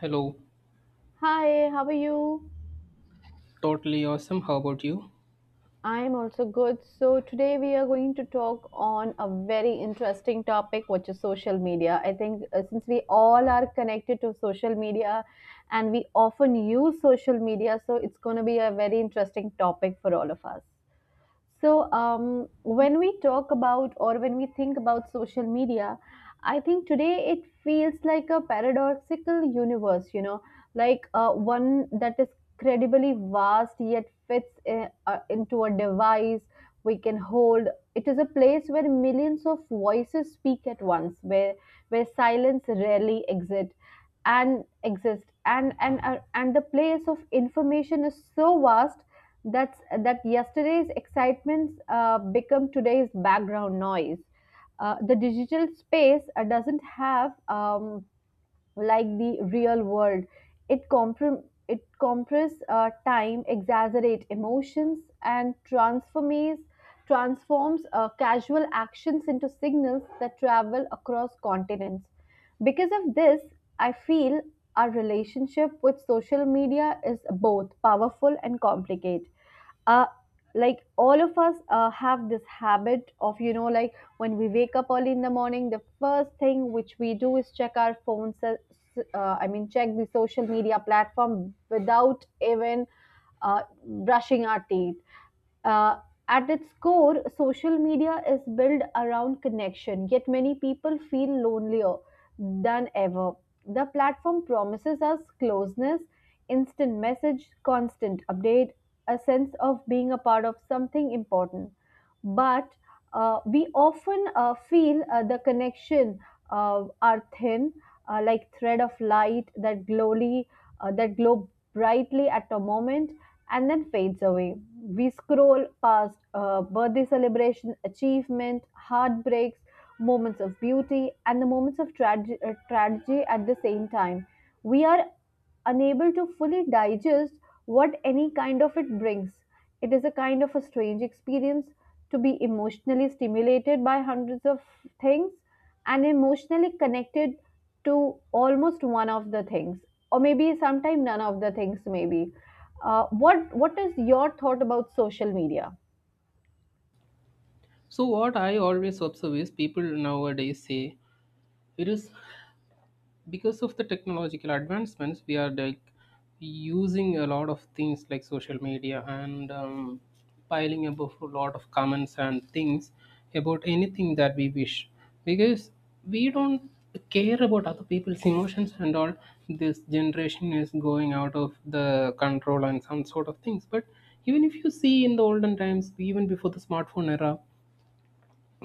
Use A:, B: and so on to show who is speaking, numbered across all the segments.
A: Hello,
B: Hi, how are you?
A: totally awesome. How about you?
B: I'm also good. So, today we are going to talk on a very interesting topic, which is social media. I think since we all are connected to social media and we often use social media, so it's going to be a very interesting topic for all of us. So, when we talk about or when we think about social media, I think today it feels like a paradoxical universe, you know, like one that is credibly vast yet fits in, into a device we can hold. It is a place where millions of voices speak at once, where silence rarely exists and exist and the place of information is so vast that yesterday's excitements become today's background noise. The digital space doesn't have like the real world. It comprom it compress time, exaggerate emotions, and transforms casual actions into signals that travel across continents. Because of this, I feel our relationship with social media is both powerful and complicated. uh like all of us have this habit of, you know, like when we wake up early in the morning, the first thing which we do is check our phones. I mean, check the social media platform without even uh, brushing our teeth. uh, at its core, social media is built around connection, yet many people feel lonelier than ever. The platform promises us closeness, instant message, constant update, a sense of being a part of something important. But we often feel the connection are thin, like thread of light that that glow brightly at a moment and then fades away. We scroll past birthday celebration, achievement, heartbreaks, moments of beauty, and the moments of tragedy at the same time. We are unable to fully digest what any kind of it brings. It is a kind of a strange experience to be emotionally stimulated by hundreds of things and emotionally connected to almost one of the things, or maybe sometime none of the things. Maybe, what is your thought about social media?
A: So, what I always observe is people nowadays say it is because of the technological advancements we are like using a lot of things like social media and piling up a lot of comments and things about anything that we wish because we don't care about other people's emotions and all, this generation is going out of the control and some sort of things. But even if you see in the olden times, even before the smartphone era,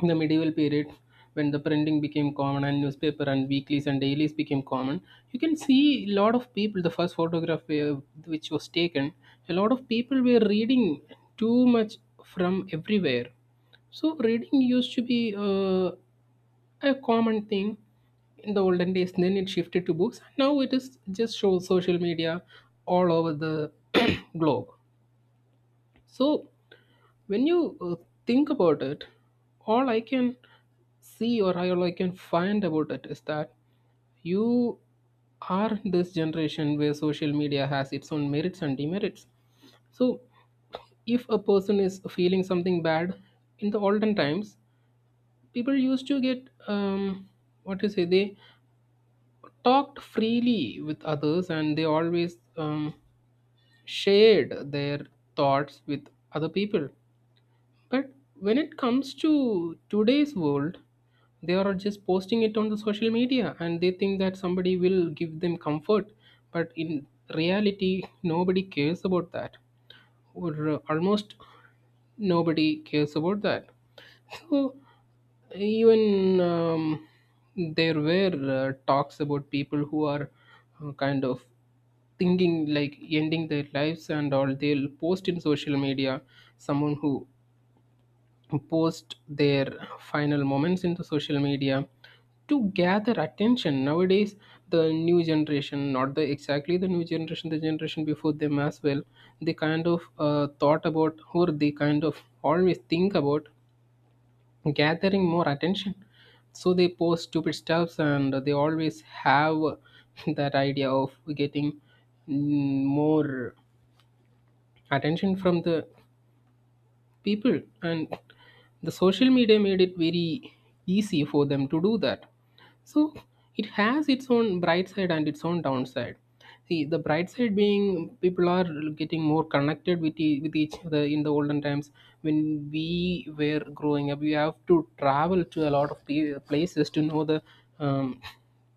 A: in the medieval period, when the printing became common and newspaper and weeklies and dailies became common, you can see a lot of people. The first photograph, which was taken, a lot of people were reading too much from everywhere. So reading used to be a common thing in the olden days. Then it shifted to books. Now it is just show social media all over the globe. So when you think about it, all I can see or all I can find about it is that you are this generation where social media has its own merits and demerits. So if a person is feeling something bad, in the olden times people used to get what to say, they talked freely with others and they always, shared their thoughts with other people. But when it comes to today's world, they are just posting it on the social media and they think that somebody will give them comfort. But in reality, nobody cares about that, or almost nobody cares about that. So even, there were talks about people who are kind of thinking like ending their lives, and all they'll post in social media, someone who post their final moments into social media to gather attention nowadays. The new generation, not the exactly the new generation, the generation before them as well, they kind of thought about, or they kind of always think about gathering more attention. So they post stupid stuffs and they always have that idea of getting, more attention from the people, and the social media made it very easy for them to do that. So it has its own bright side and its own downside. See, the bright side being people are getting more connected with, with each other. In the olden times, when we were growing up, we have to travel to a lot of places to know the, um,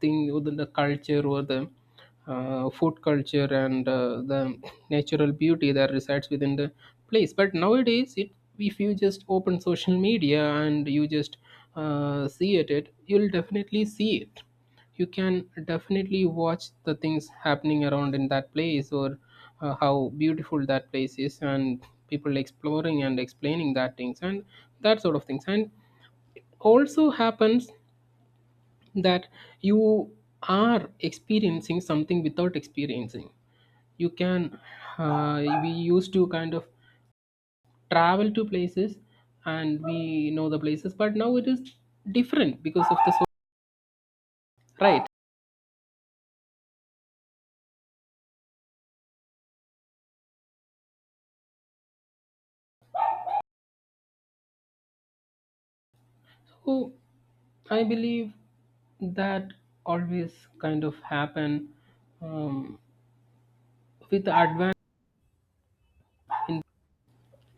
A: thing, or the culture, or the, food culture, and the natural beauty that resides within the place. But nowadays, it, if you just open social media and you just see it, it, you'll definitely see it. You can definitely watch the things happening around in that place, or how beautiful that place is, and people exploring and explaining that things and that sort of things. And also happens that you are experiencing something without experiencing. You can, we used to kind of travel to places and we know the places, but now it is different because of the, so right. So I believe that always kind of happen, um, with the advance in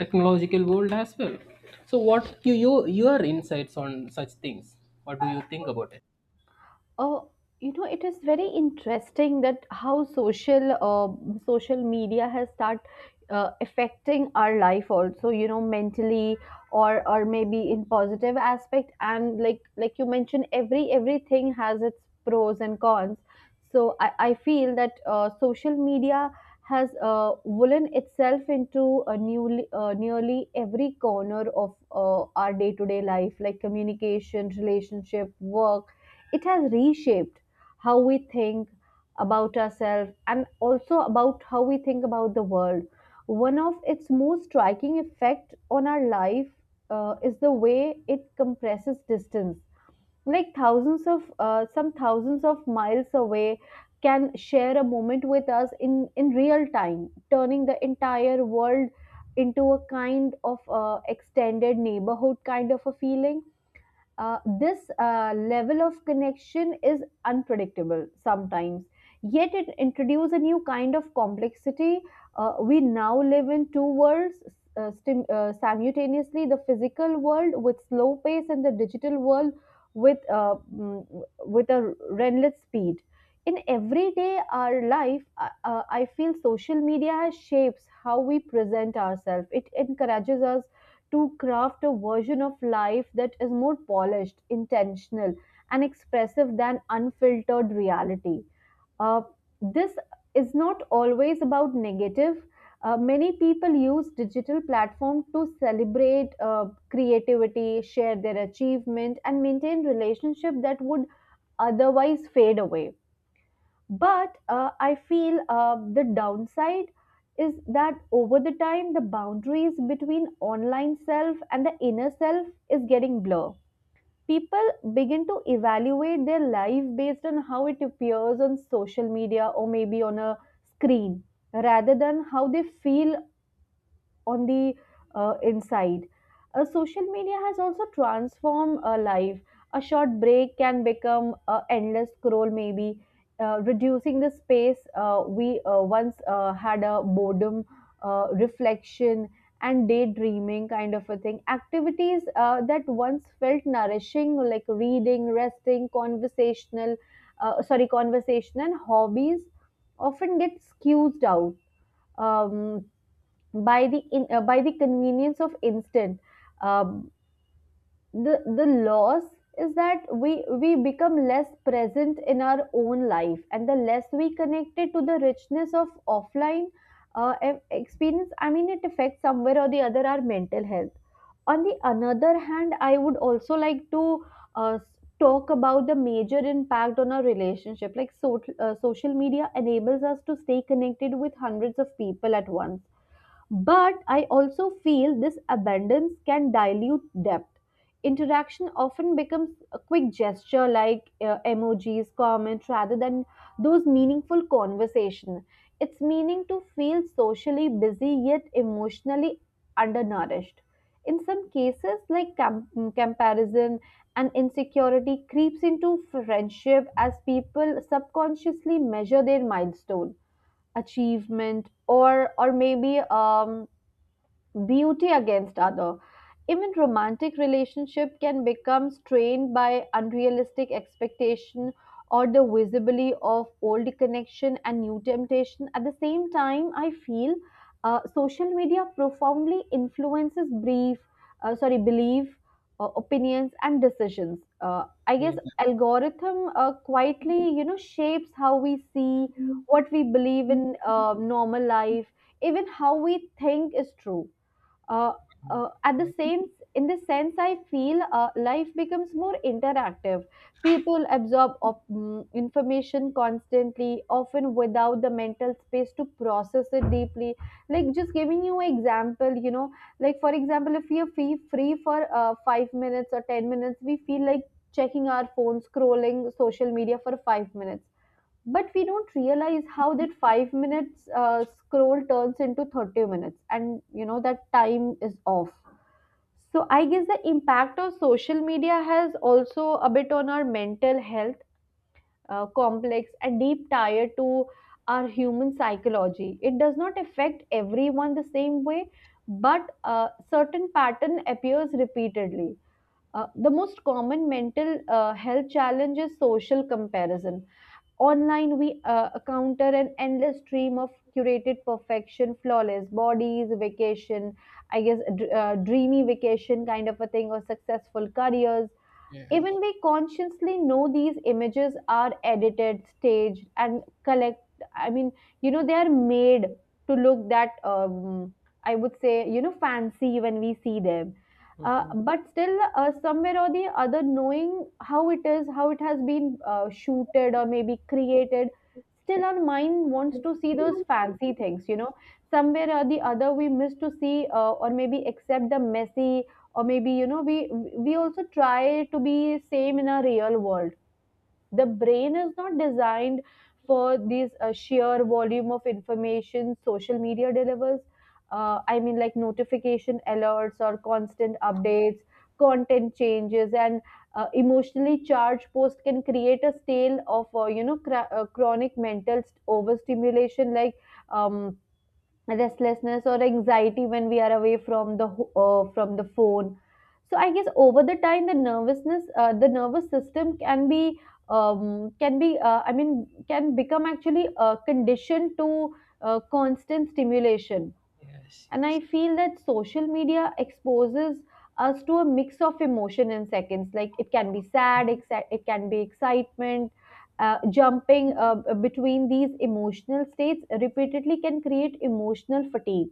A: technological world as well. So what you your insights on such things, what do you think about it?
B: Uh, you know, it is very interesting that how social media has start affecting our life also. You know, mentally or maybe in positive aspect. And like you mentioned, everything has its pros and cons. So I feel that social media has woven itself into a newly nearly every corner of our day to day life, like communication, relationship, work. It has reshaped how we think about ourselves and also about how we think about the world. One of its most striking effect on our life is the way it compresses distance. Like thousands of some thousands of miles away can share a moment with us in real time, turning the entire world into a kind of extended neighborhood kind of a feeling. This level of connection is unpredictable sometimes, yet it introduces a new kind of complexity. We now live in two worlds simultaneously, the physical world with slow pace and the digital world with a relentless speed. In everyday our life, I feel social media has shapes how we present ourselves. It encourages us to craft a version of life that is more polished, intentional, and expressive than unfiltered reality. Uh, this is not always about negative. Many people use digital platforms to celebrate creativity, share their achievement, and maintain relationships that would otherwise fade away. But I feel the downside is that over the time, the boundaries between online self and the inner self is getting blurred. People begin to evaluate their life based on how it appears on social media or maybe on a screen rather than how they feel on the inside. Social media has also transformed a life. A short break can become an endless scroll, maybe reducing the space we once had a boredom, reflection, and daydreaming kind of a thing. Activities that once felt nourishing, like reading, resting, conversation and hobbies, often get skewed out. Um, by the by the convenience of instant. Um, the the loss is that we become less present in our own life and the less we connected to the richness of offline experience. I mean, it affects somewhere or the other our mental health. On the another hand, I would also like to uh, s- talk about the major impact on our relationship. Like so, social media enables us to stay connected with hundreds of people at once, but I also feel this abundance can dilute depth. Interaction often becomes a quick gesture like emojis, comments, rather than those meaningful conversation. It's meaning to feel socially busy yet emotionally undernourished. In some cases, like comparison and insecurity creeps into friendship as people subconsciously measure their milestone, achievement, or maybe beauty against other. Even romantic relationship can become strained by unrealistic expectation or the visibility of old connection and new temptation. At the same time, I feel social media profoundly influences brief sorry belief, opinions, and decisions. I
A: Yeah.
B: guess algorithm quietly, you know, shapes how we see what we believe in normal life, even how we think is true. uh, uh, at the
A: Yeah.
B: same in the sense, I feel life becomes more interactive. People absorb information constantly, often without the mental space to process it deeply. Like, just giving you an example, you know, like for example, if we are free for 5 minutes or 10 minutes, we feel like checking our phone, scrolling social media for 5 minutes. But we don't realize how that 5 minutes scroll turns into 30 minutes, and you know that time is off. So I guess the impact of social media has also a bit on our mental health, complex and deep tie to our human psychology. It does not affect everyone the same way, but a certain pattern appears repeatedly. The most common mental health challenge is social comparison. Online, we encounter an endless stream of curated perfection, flawless bodies, vacation, I guess, dreamy vacation kind of a thing, or successful careers.
A: Yeah.
B: Even we consciously know these images are edited, staged, and collect. I mean, you know, they are made to look that, I would say, you know, fancy when we see them.
A: Mhm.
B: But still, somewhere or the other, knowing how it is, how it has been shooted or maybe created, still our mind wants to see those fancy things, you know, somewhere or the other we miss to see or maybe accept the messy, or maybe you know we also try to be same in a real world. The brain is not designed for these sheer volume of information social media delivers. I mean, like notification alerts or constant updates, content changes, and emotionally charged post can create a stale of you know chronic mental overstimulation, like um, restlessness or anxiety when we are away from the from the phone. So I guess over the time the nervousness the nervous system can be I mean can become actually conditioned to constant stimulation.
A: Yes,
B: And
A: yes.
B: I feel that social media exposes us to a mix of emotion in seconds. Like it can be sad, it can be excitement. Jumping between these emotional states repeatedly can create emotional fatigue.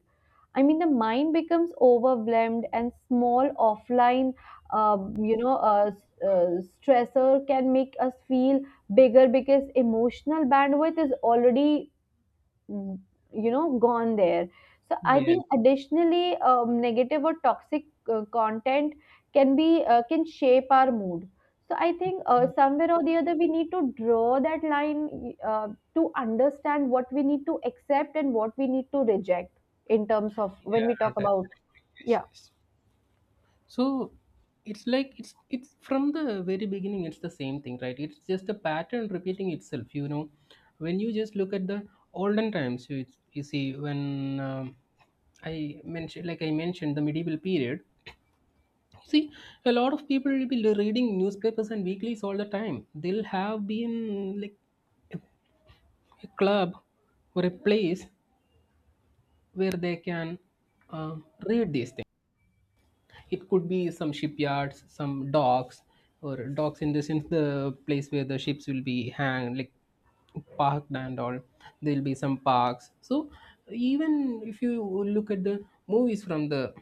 B: I mean, the mind becomes overwhelmed, and small offline, stressor can make us feel bigger because emotional bandwidth is already mm, you know gone there. So I
A: Yeah.
B: think additionally negative or toxic content can be can shape our mood. So I think somewhere or the other we need to draw that line, to understand what we need to accept and what we need to reject in terms of when we
A: Yeah,
B: talk about.
A: definitely. Yes,
B: Yeah.
A: yes. So it's like it's from the very beginning it's the same thing, right? It's just a pattern repeating itself. You know, when you just look at the olden times, you see when, I mentioned the medieval period. See, a lot of people will be reading newspapers and weeklies all the time. They'll have been like a club or a place where they can uh, read these things. It could be some shipyards, some docks, or docks in the sense the place where the ships will be hanged, like parked and all. There will be some parks. So even if you look at the movies from the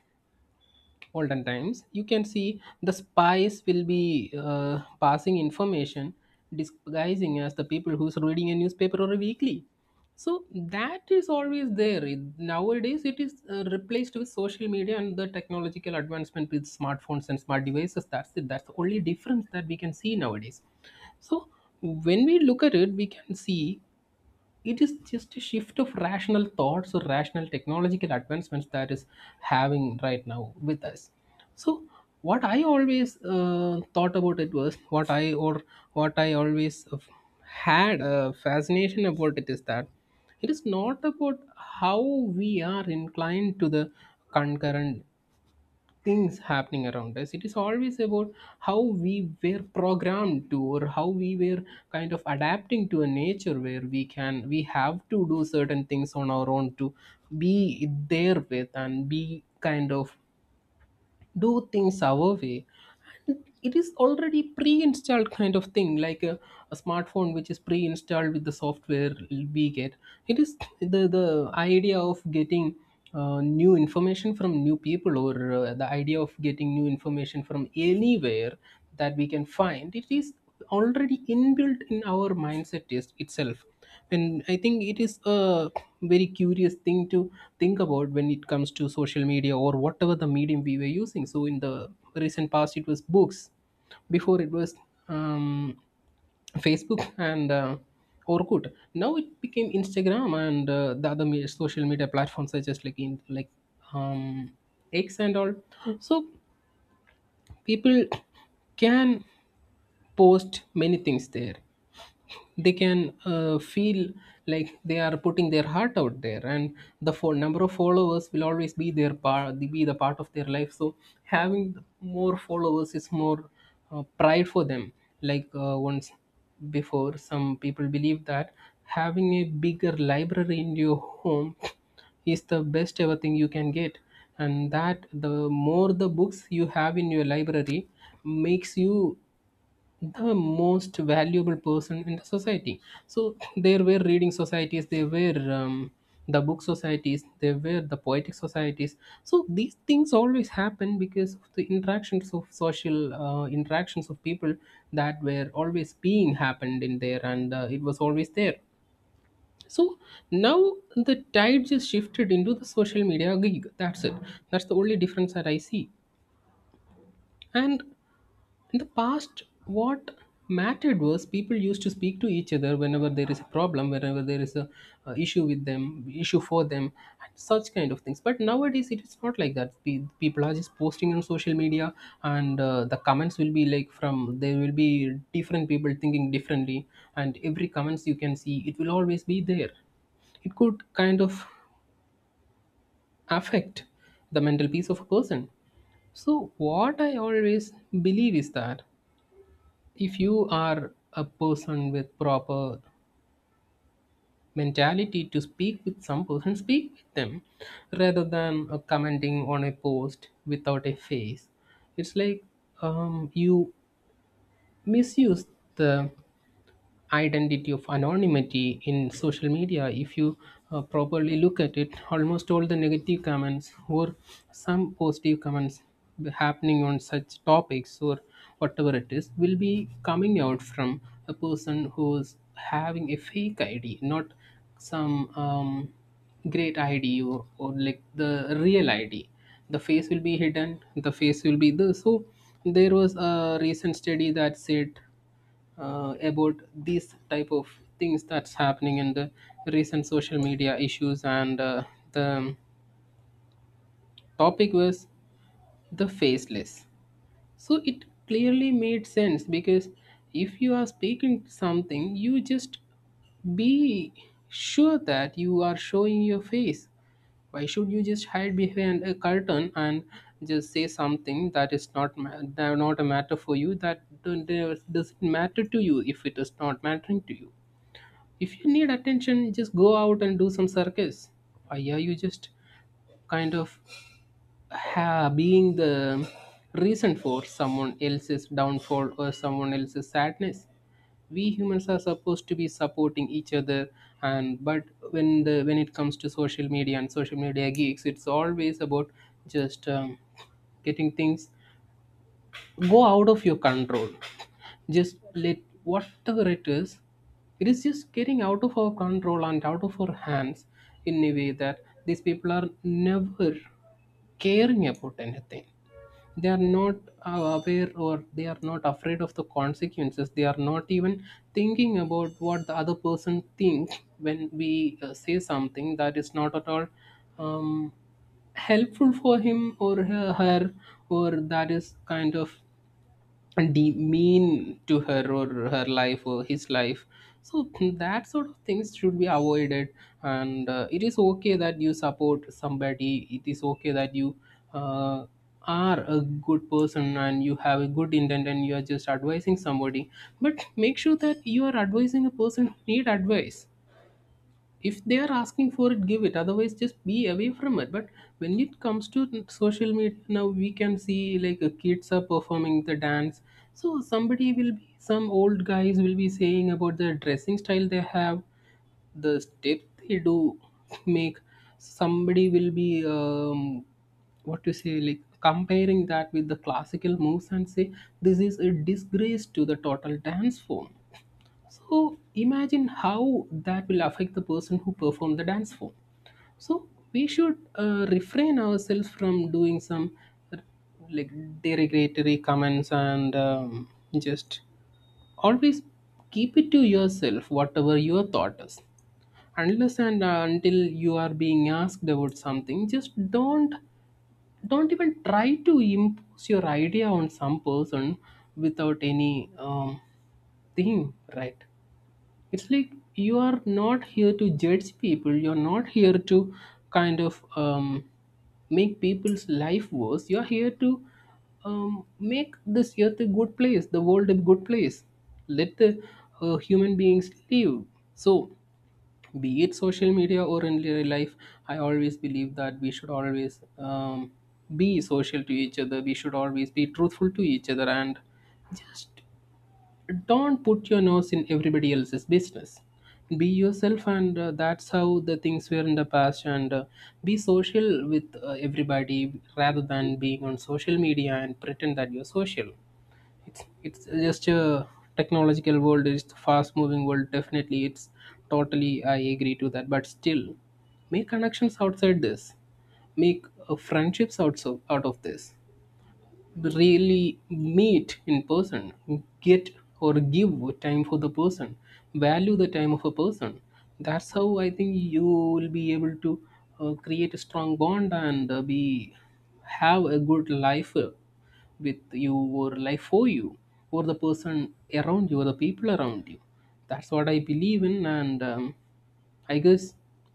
A: olden times, you can see the spies will be passing information, disguising as the people who's reading a newspaper or a weekly. So that is always there. Nowadays it is replaced with social media and the technological advancement with smartphones and smart devices. That's it. That's the only difference that we can see nowadays. So when we look at it, we can see it is just a shift of rational thoughts or rational technological advancements that is having right now with us. So what I always thought about it was, what I, or what I always had a fascination about it is that it is not about how we are inclined to the concurrent things happening around us. It is always about how we were programmed to, or how we were kind of adapting to a nature where we can, we have to do certain things on our own, to be there with, and be kind of do things our way. And it is already pre-installed kind of thing, like a smartphone which is pre-installed with the software we get. It is the idea of getting new information from new people, or the idea of getting new information from anywhere that we can find. It is already inbuilt in our mindset is itself. And I think it is a very curious thing to think about when it comes to social media, or whatever the medium we were using. So in the recent past it was books. Before it was, um, Facebook and Orkut. Now it became Instagram and the other social media platforms such as like in like, um, X and all. So people can post many things there. They can feel like they are putting their heart out there, and the number of followers will always be their part, be the part of their life. So having more followers is more pride for them. Like once before, some people believe that having a bigger library in your home is the best ever thing you can get, and that the more the books you have in your library makes you the most valuable person in the society. So there were reading societies, there were, the book societies, there were the poetic societies. So these things always happen because of the interactions of social, interactions of people, that were always being happened in there, and it was always there. So now the tide just shifted into the social media gig. That's it. That's the only difference that I see. And in the past what mattered was people used to speak to each other whenever there is a problem, whenever there is a, uh, issue with them, issue for them, and such kind of things. But nowadays it is not like that. People are just posting on social media, and the comments will be like from there, will be different people thinking differently, and every comments you can see, it will always be there. It could kind of affect the mental peace of a person. So what I always believe is that if you are a person with proper mentality to speak with some person, speak with them, rather than commenting on a post without a face. It's like, you misuse the identity of anonymity in social media. If you properly look at it, almost all the negative comments, or some positive comments happening on such topics, or whatever it is, will be coming out from a person who's having a fake ID, not some, great ID, or like the real ID. The face will be hidden, the face will be the, so there was a recent study that said about these type of things that's happening in the recent social media issues, and the topic was the faceless. So it clearly made sense, because if you are speaking something, you just be sure that you are showing your face. Why should you just hide behind a curtain and just say something that is not that are not a matter for you, that that doesn't matter to you? If it is not mattering to you, if you need attention, just go out and do some circus. Why are you just kind of being the reason for someone else's downfall or someone else's sadness? We humans are supposed to be supporting each other, and but when it comes to social media and social media geeks, it's always about just getting things, go out of your control, just let whatever it is, it is just getting out of our control and out of our hands, in a way that these people are never caring about anything. They are not aware, or they are not afraid of the consequences. They are not even thinking about what the other person thinks when we say something that is not at all um, helpful for him or her, or that is kind of demean to her or her life or his life. So that sort of things should be avoided. And it is okay that you support somebody, it is okay that you uh, are a good person and you have a good intent and you are just advising somebody, but make sure that you are advising a person who need advice. If they are asking for it, give it, otherwise just be away from it. But when it comes to social media, now we can see, like, kids are performing the dance, so somebody will be, some old guys will be saying about the dressing style they have, the step they do, make, somebody will be what to say, like comparing that with the classical moves and say this is a disgrace to the total dance form. So imagine how that will affect the person who performed the dance form. So we should refrain ourselves from doing some uh, like derogatory comments, and just always keep it to yourself whatever your thought is, unless and until you are being asked about something. Just don't even try to impose your idea on some person without any thing, right? It's like, you are not here to judge people. You're not here to kind of make people's life worse. You're here to make this earth a good place, the world a good place. Let the human beings live. So, be it social media or in real life, I always believe that we should always be social to each other. We should always be truthful to each other, and just don't put your nose in everybody else's business. Be yourself, and that's how the things were in the past, and be social with everybody rather than being on social media and pretend that you're social. It's just a technological world, it's a fast moving world, definitely. It's totally, I agree to that, but still, make connections outside this, make friendships also out of this, really meet in person, get, or give time for the person, value the time of a person. That's how I think you will be able to create a strong bond and be, have a good life with you or life for you or the person around you or the people around you. That's what I believe in, and I guess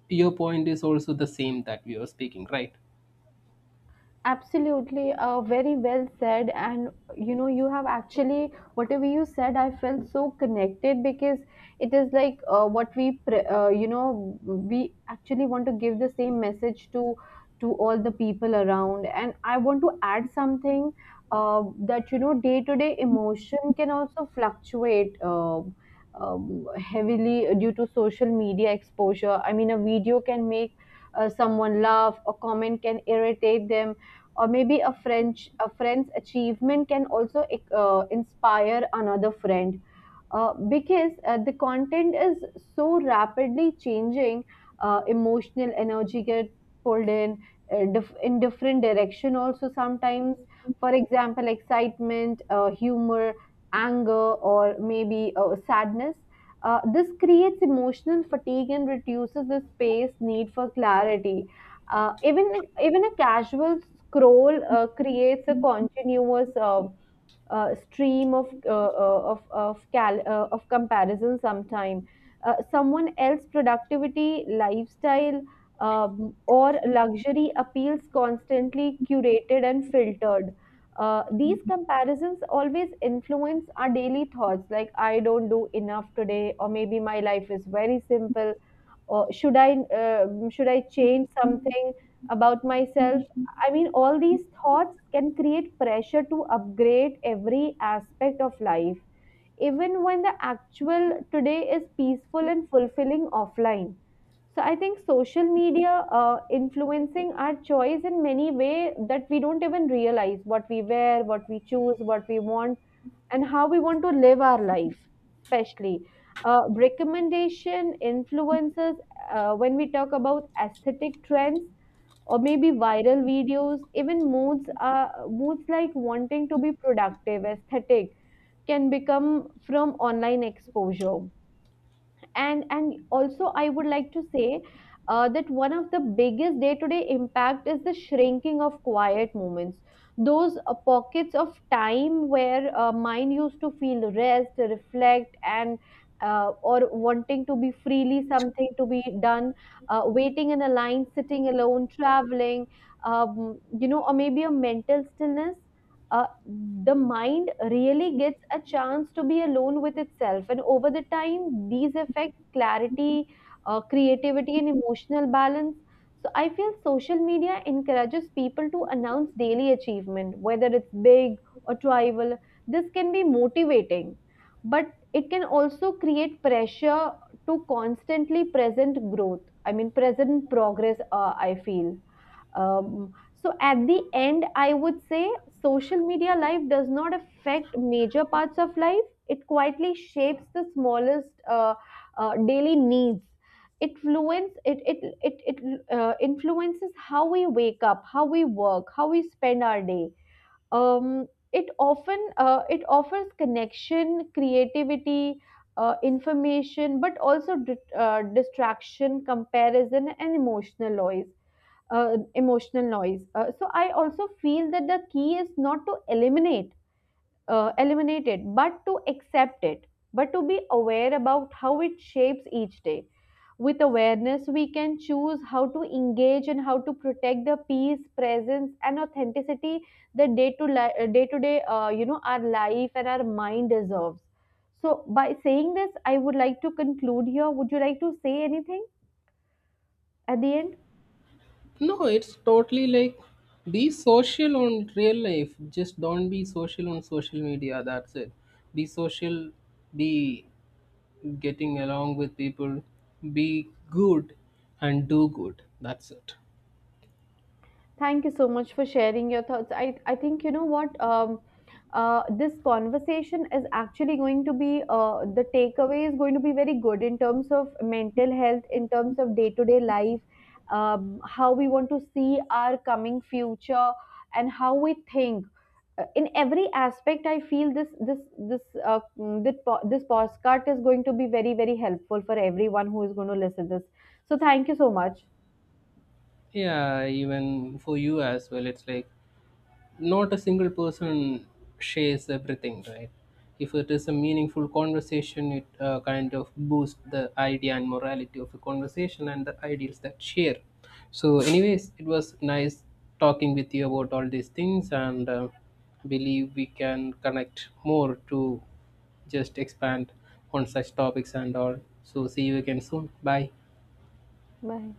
A: your point is also the same that we are speaking, right?
B: Absolutely, very well said. And you know, you have actually, whatever you said, I felt so connected because it is like you know, we actually want to give the same message to all the people around. And I want to add something that you know, day to day emotion can also fluctuate. Heavily due to social media exposure. I mean, a video can make someone laugh, a comment can irritate them, or maybe a friend's achievement can also inspire another friend because the content is so rapidly changing. Uh, emotional energy get pulled in in different direction also sometimes, for example excitement, humor, anger, or maybe sadness. Uh, this creates emotional fatigue and reduces the space need for clarity. Uh, even a casual scroll creates a continuous stream of of comparison sometime. Uh, someone else productivity lifestyle, or luxury appeals constantly curated and filtered. Uh, these comparisons always influence our daily thoughts, like I don't do enough today, or maybe my life is very simple, or should I, should I change something about myself? I mean, all these thoughts can create pressure to upgrade every aspect of life, even when the actual today is peaceful and fulfilling offline. So I think social media influencing our choice in many way that we don't even realize: what we wear, what we choose, what we want, and how we want to live our life, especially. Recommendation influences when we talk about aesthetic trends or maybe viral videos. Even moods are moods, like wanting to be productive, aesthetic, can become from online exposure. And also I would like to say that one of the biggest day-to-day impact is the shrinking of quiet moments, those pockets of time where mind used to feel rest, reflect, and or wanting to be freely something to be done. Uh, waiting in a line, sitting alone, traveling, you know, or maybe a mental stillness. uh, the mind really gets a chance to be alone with itself. And over the time, these affect clarity, creativity, and emotional balance. So I feel social media encourages people to announce daily achievement, whether it's big or tribal. This can be motivating, but it can also create pressure to constantly present growth. I mean, present progress, I feel. So at the end, I would say social media life does not affect major parts of life. It quietly shapes the smallest daily needs. It fluence it it it, it influences how we wake up, how we work, how we spend our day. Um, it often it offers connection, creativity, information, but also distraction, comparison, and emotional noise, emotional noise. So I also feel that the key is not to eliminate, eliminate it, but to accept it, but to be aware about how it shapes each day. With awareness, we can choose how to engage and how to protect the peace, presence, and authenticity that day to day, you know, our life and our mind deserves. So, by saying this, I would like to conclude here. Would you like to say anything at the end?
A: No, it's totally like, be social on real life. Just don't be social on social media. That's it. Be social, be getting along with people, be good and do good. That's it.
B: Thank you so much for sharing your thoughts. I think you know what, this conversation is actually going to be the takeaway is going to be very good in terms of mental health, in terms of day to day life, how we want to see our coming future, and how we think. In every aspect, I feel this this postcard is going to be very very helpful for everyone who is going to listen this. So thank you so much.
A: Yeah, even for you as well, it's like, not a single person shares everything, right? If it is a meaningful conversation, it kind of boosts the idea and morality of a conversation and the ideals that share. So anyways, it was nice talking with you about all these things, and I believe we can connect more to just expand on such topics and all. So see you again soon. Bye.
B: Bye.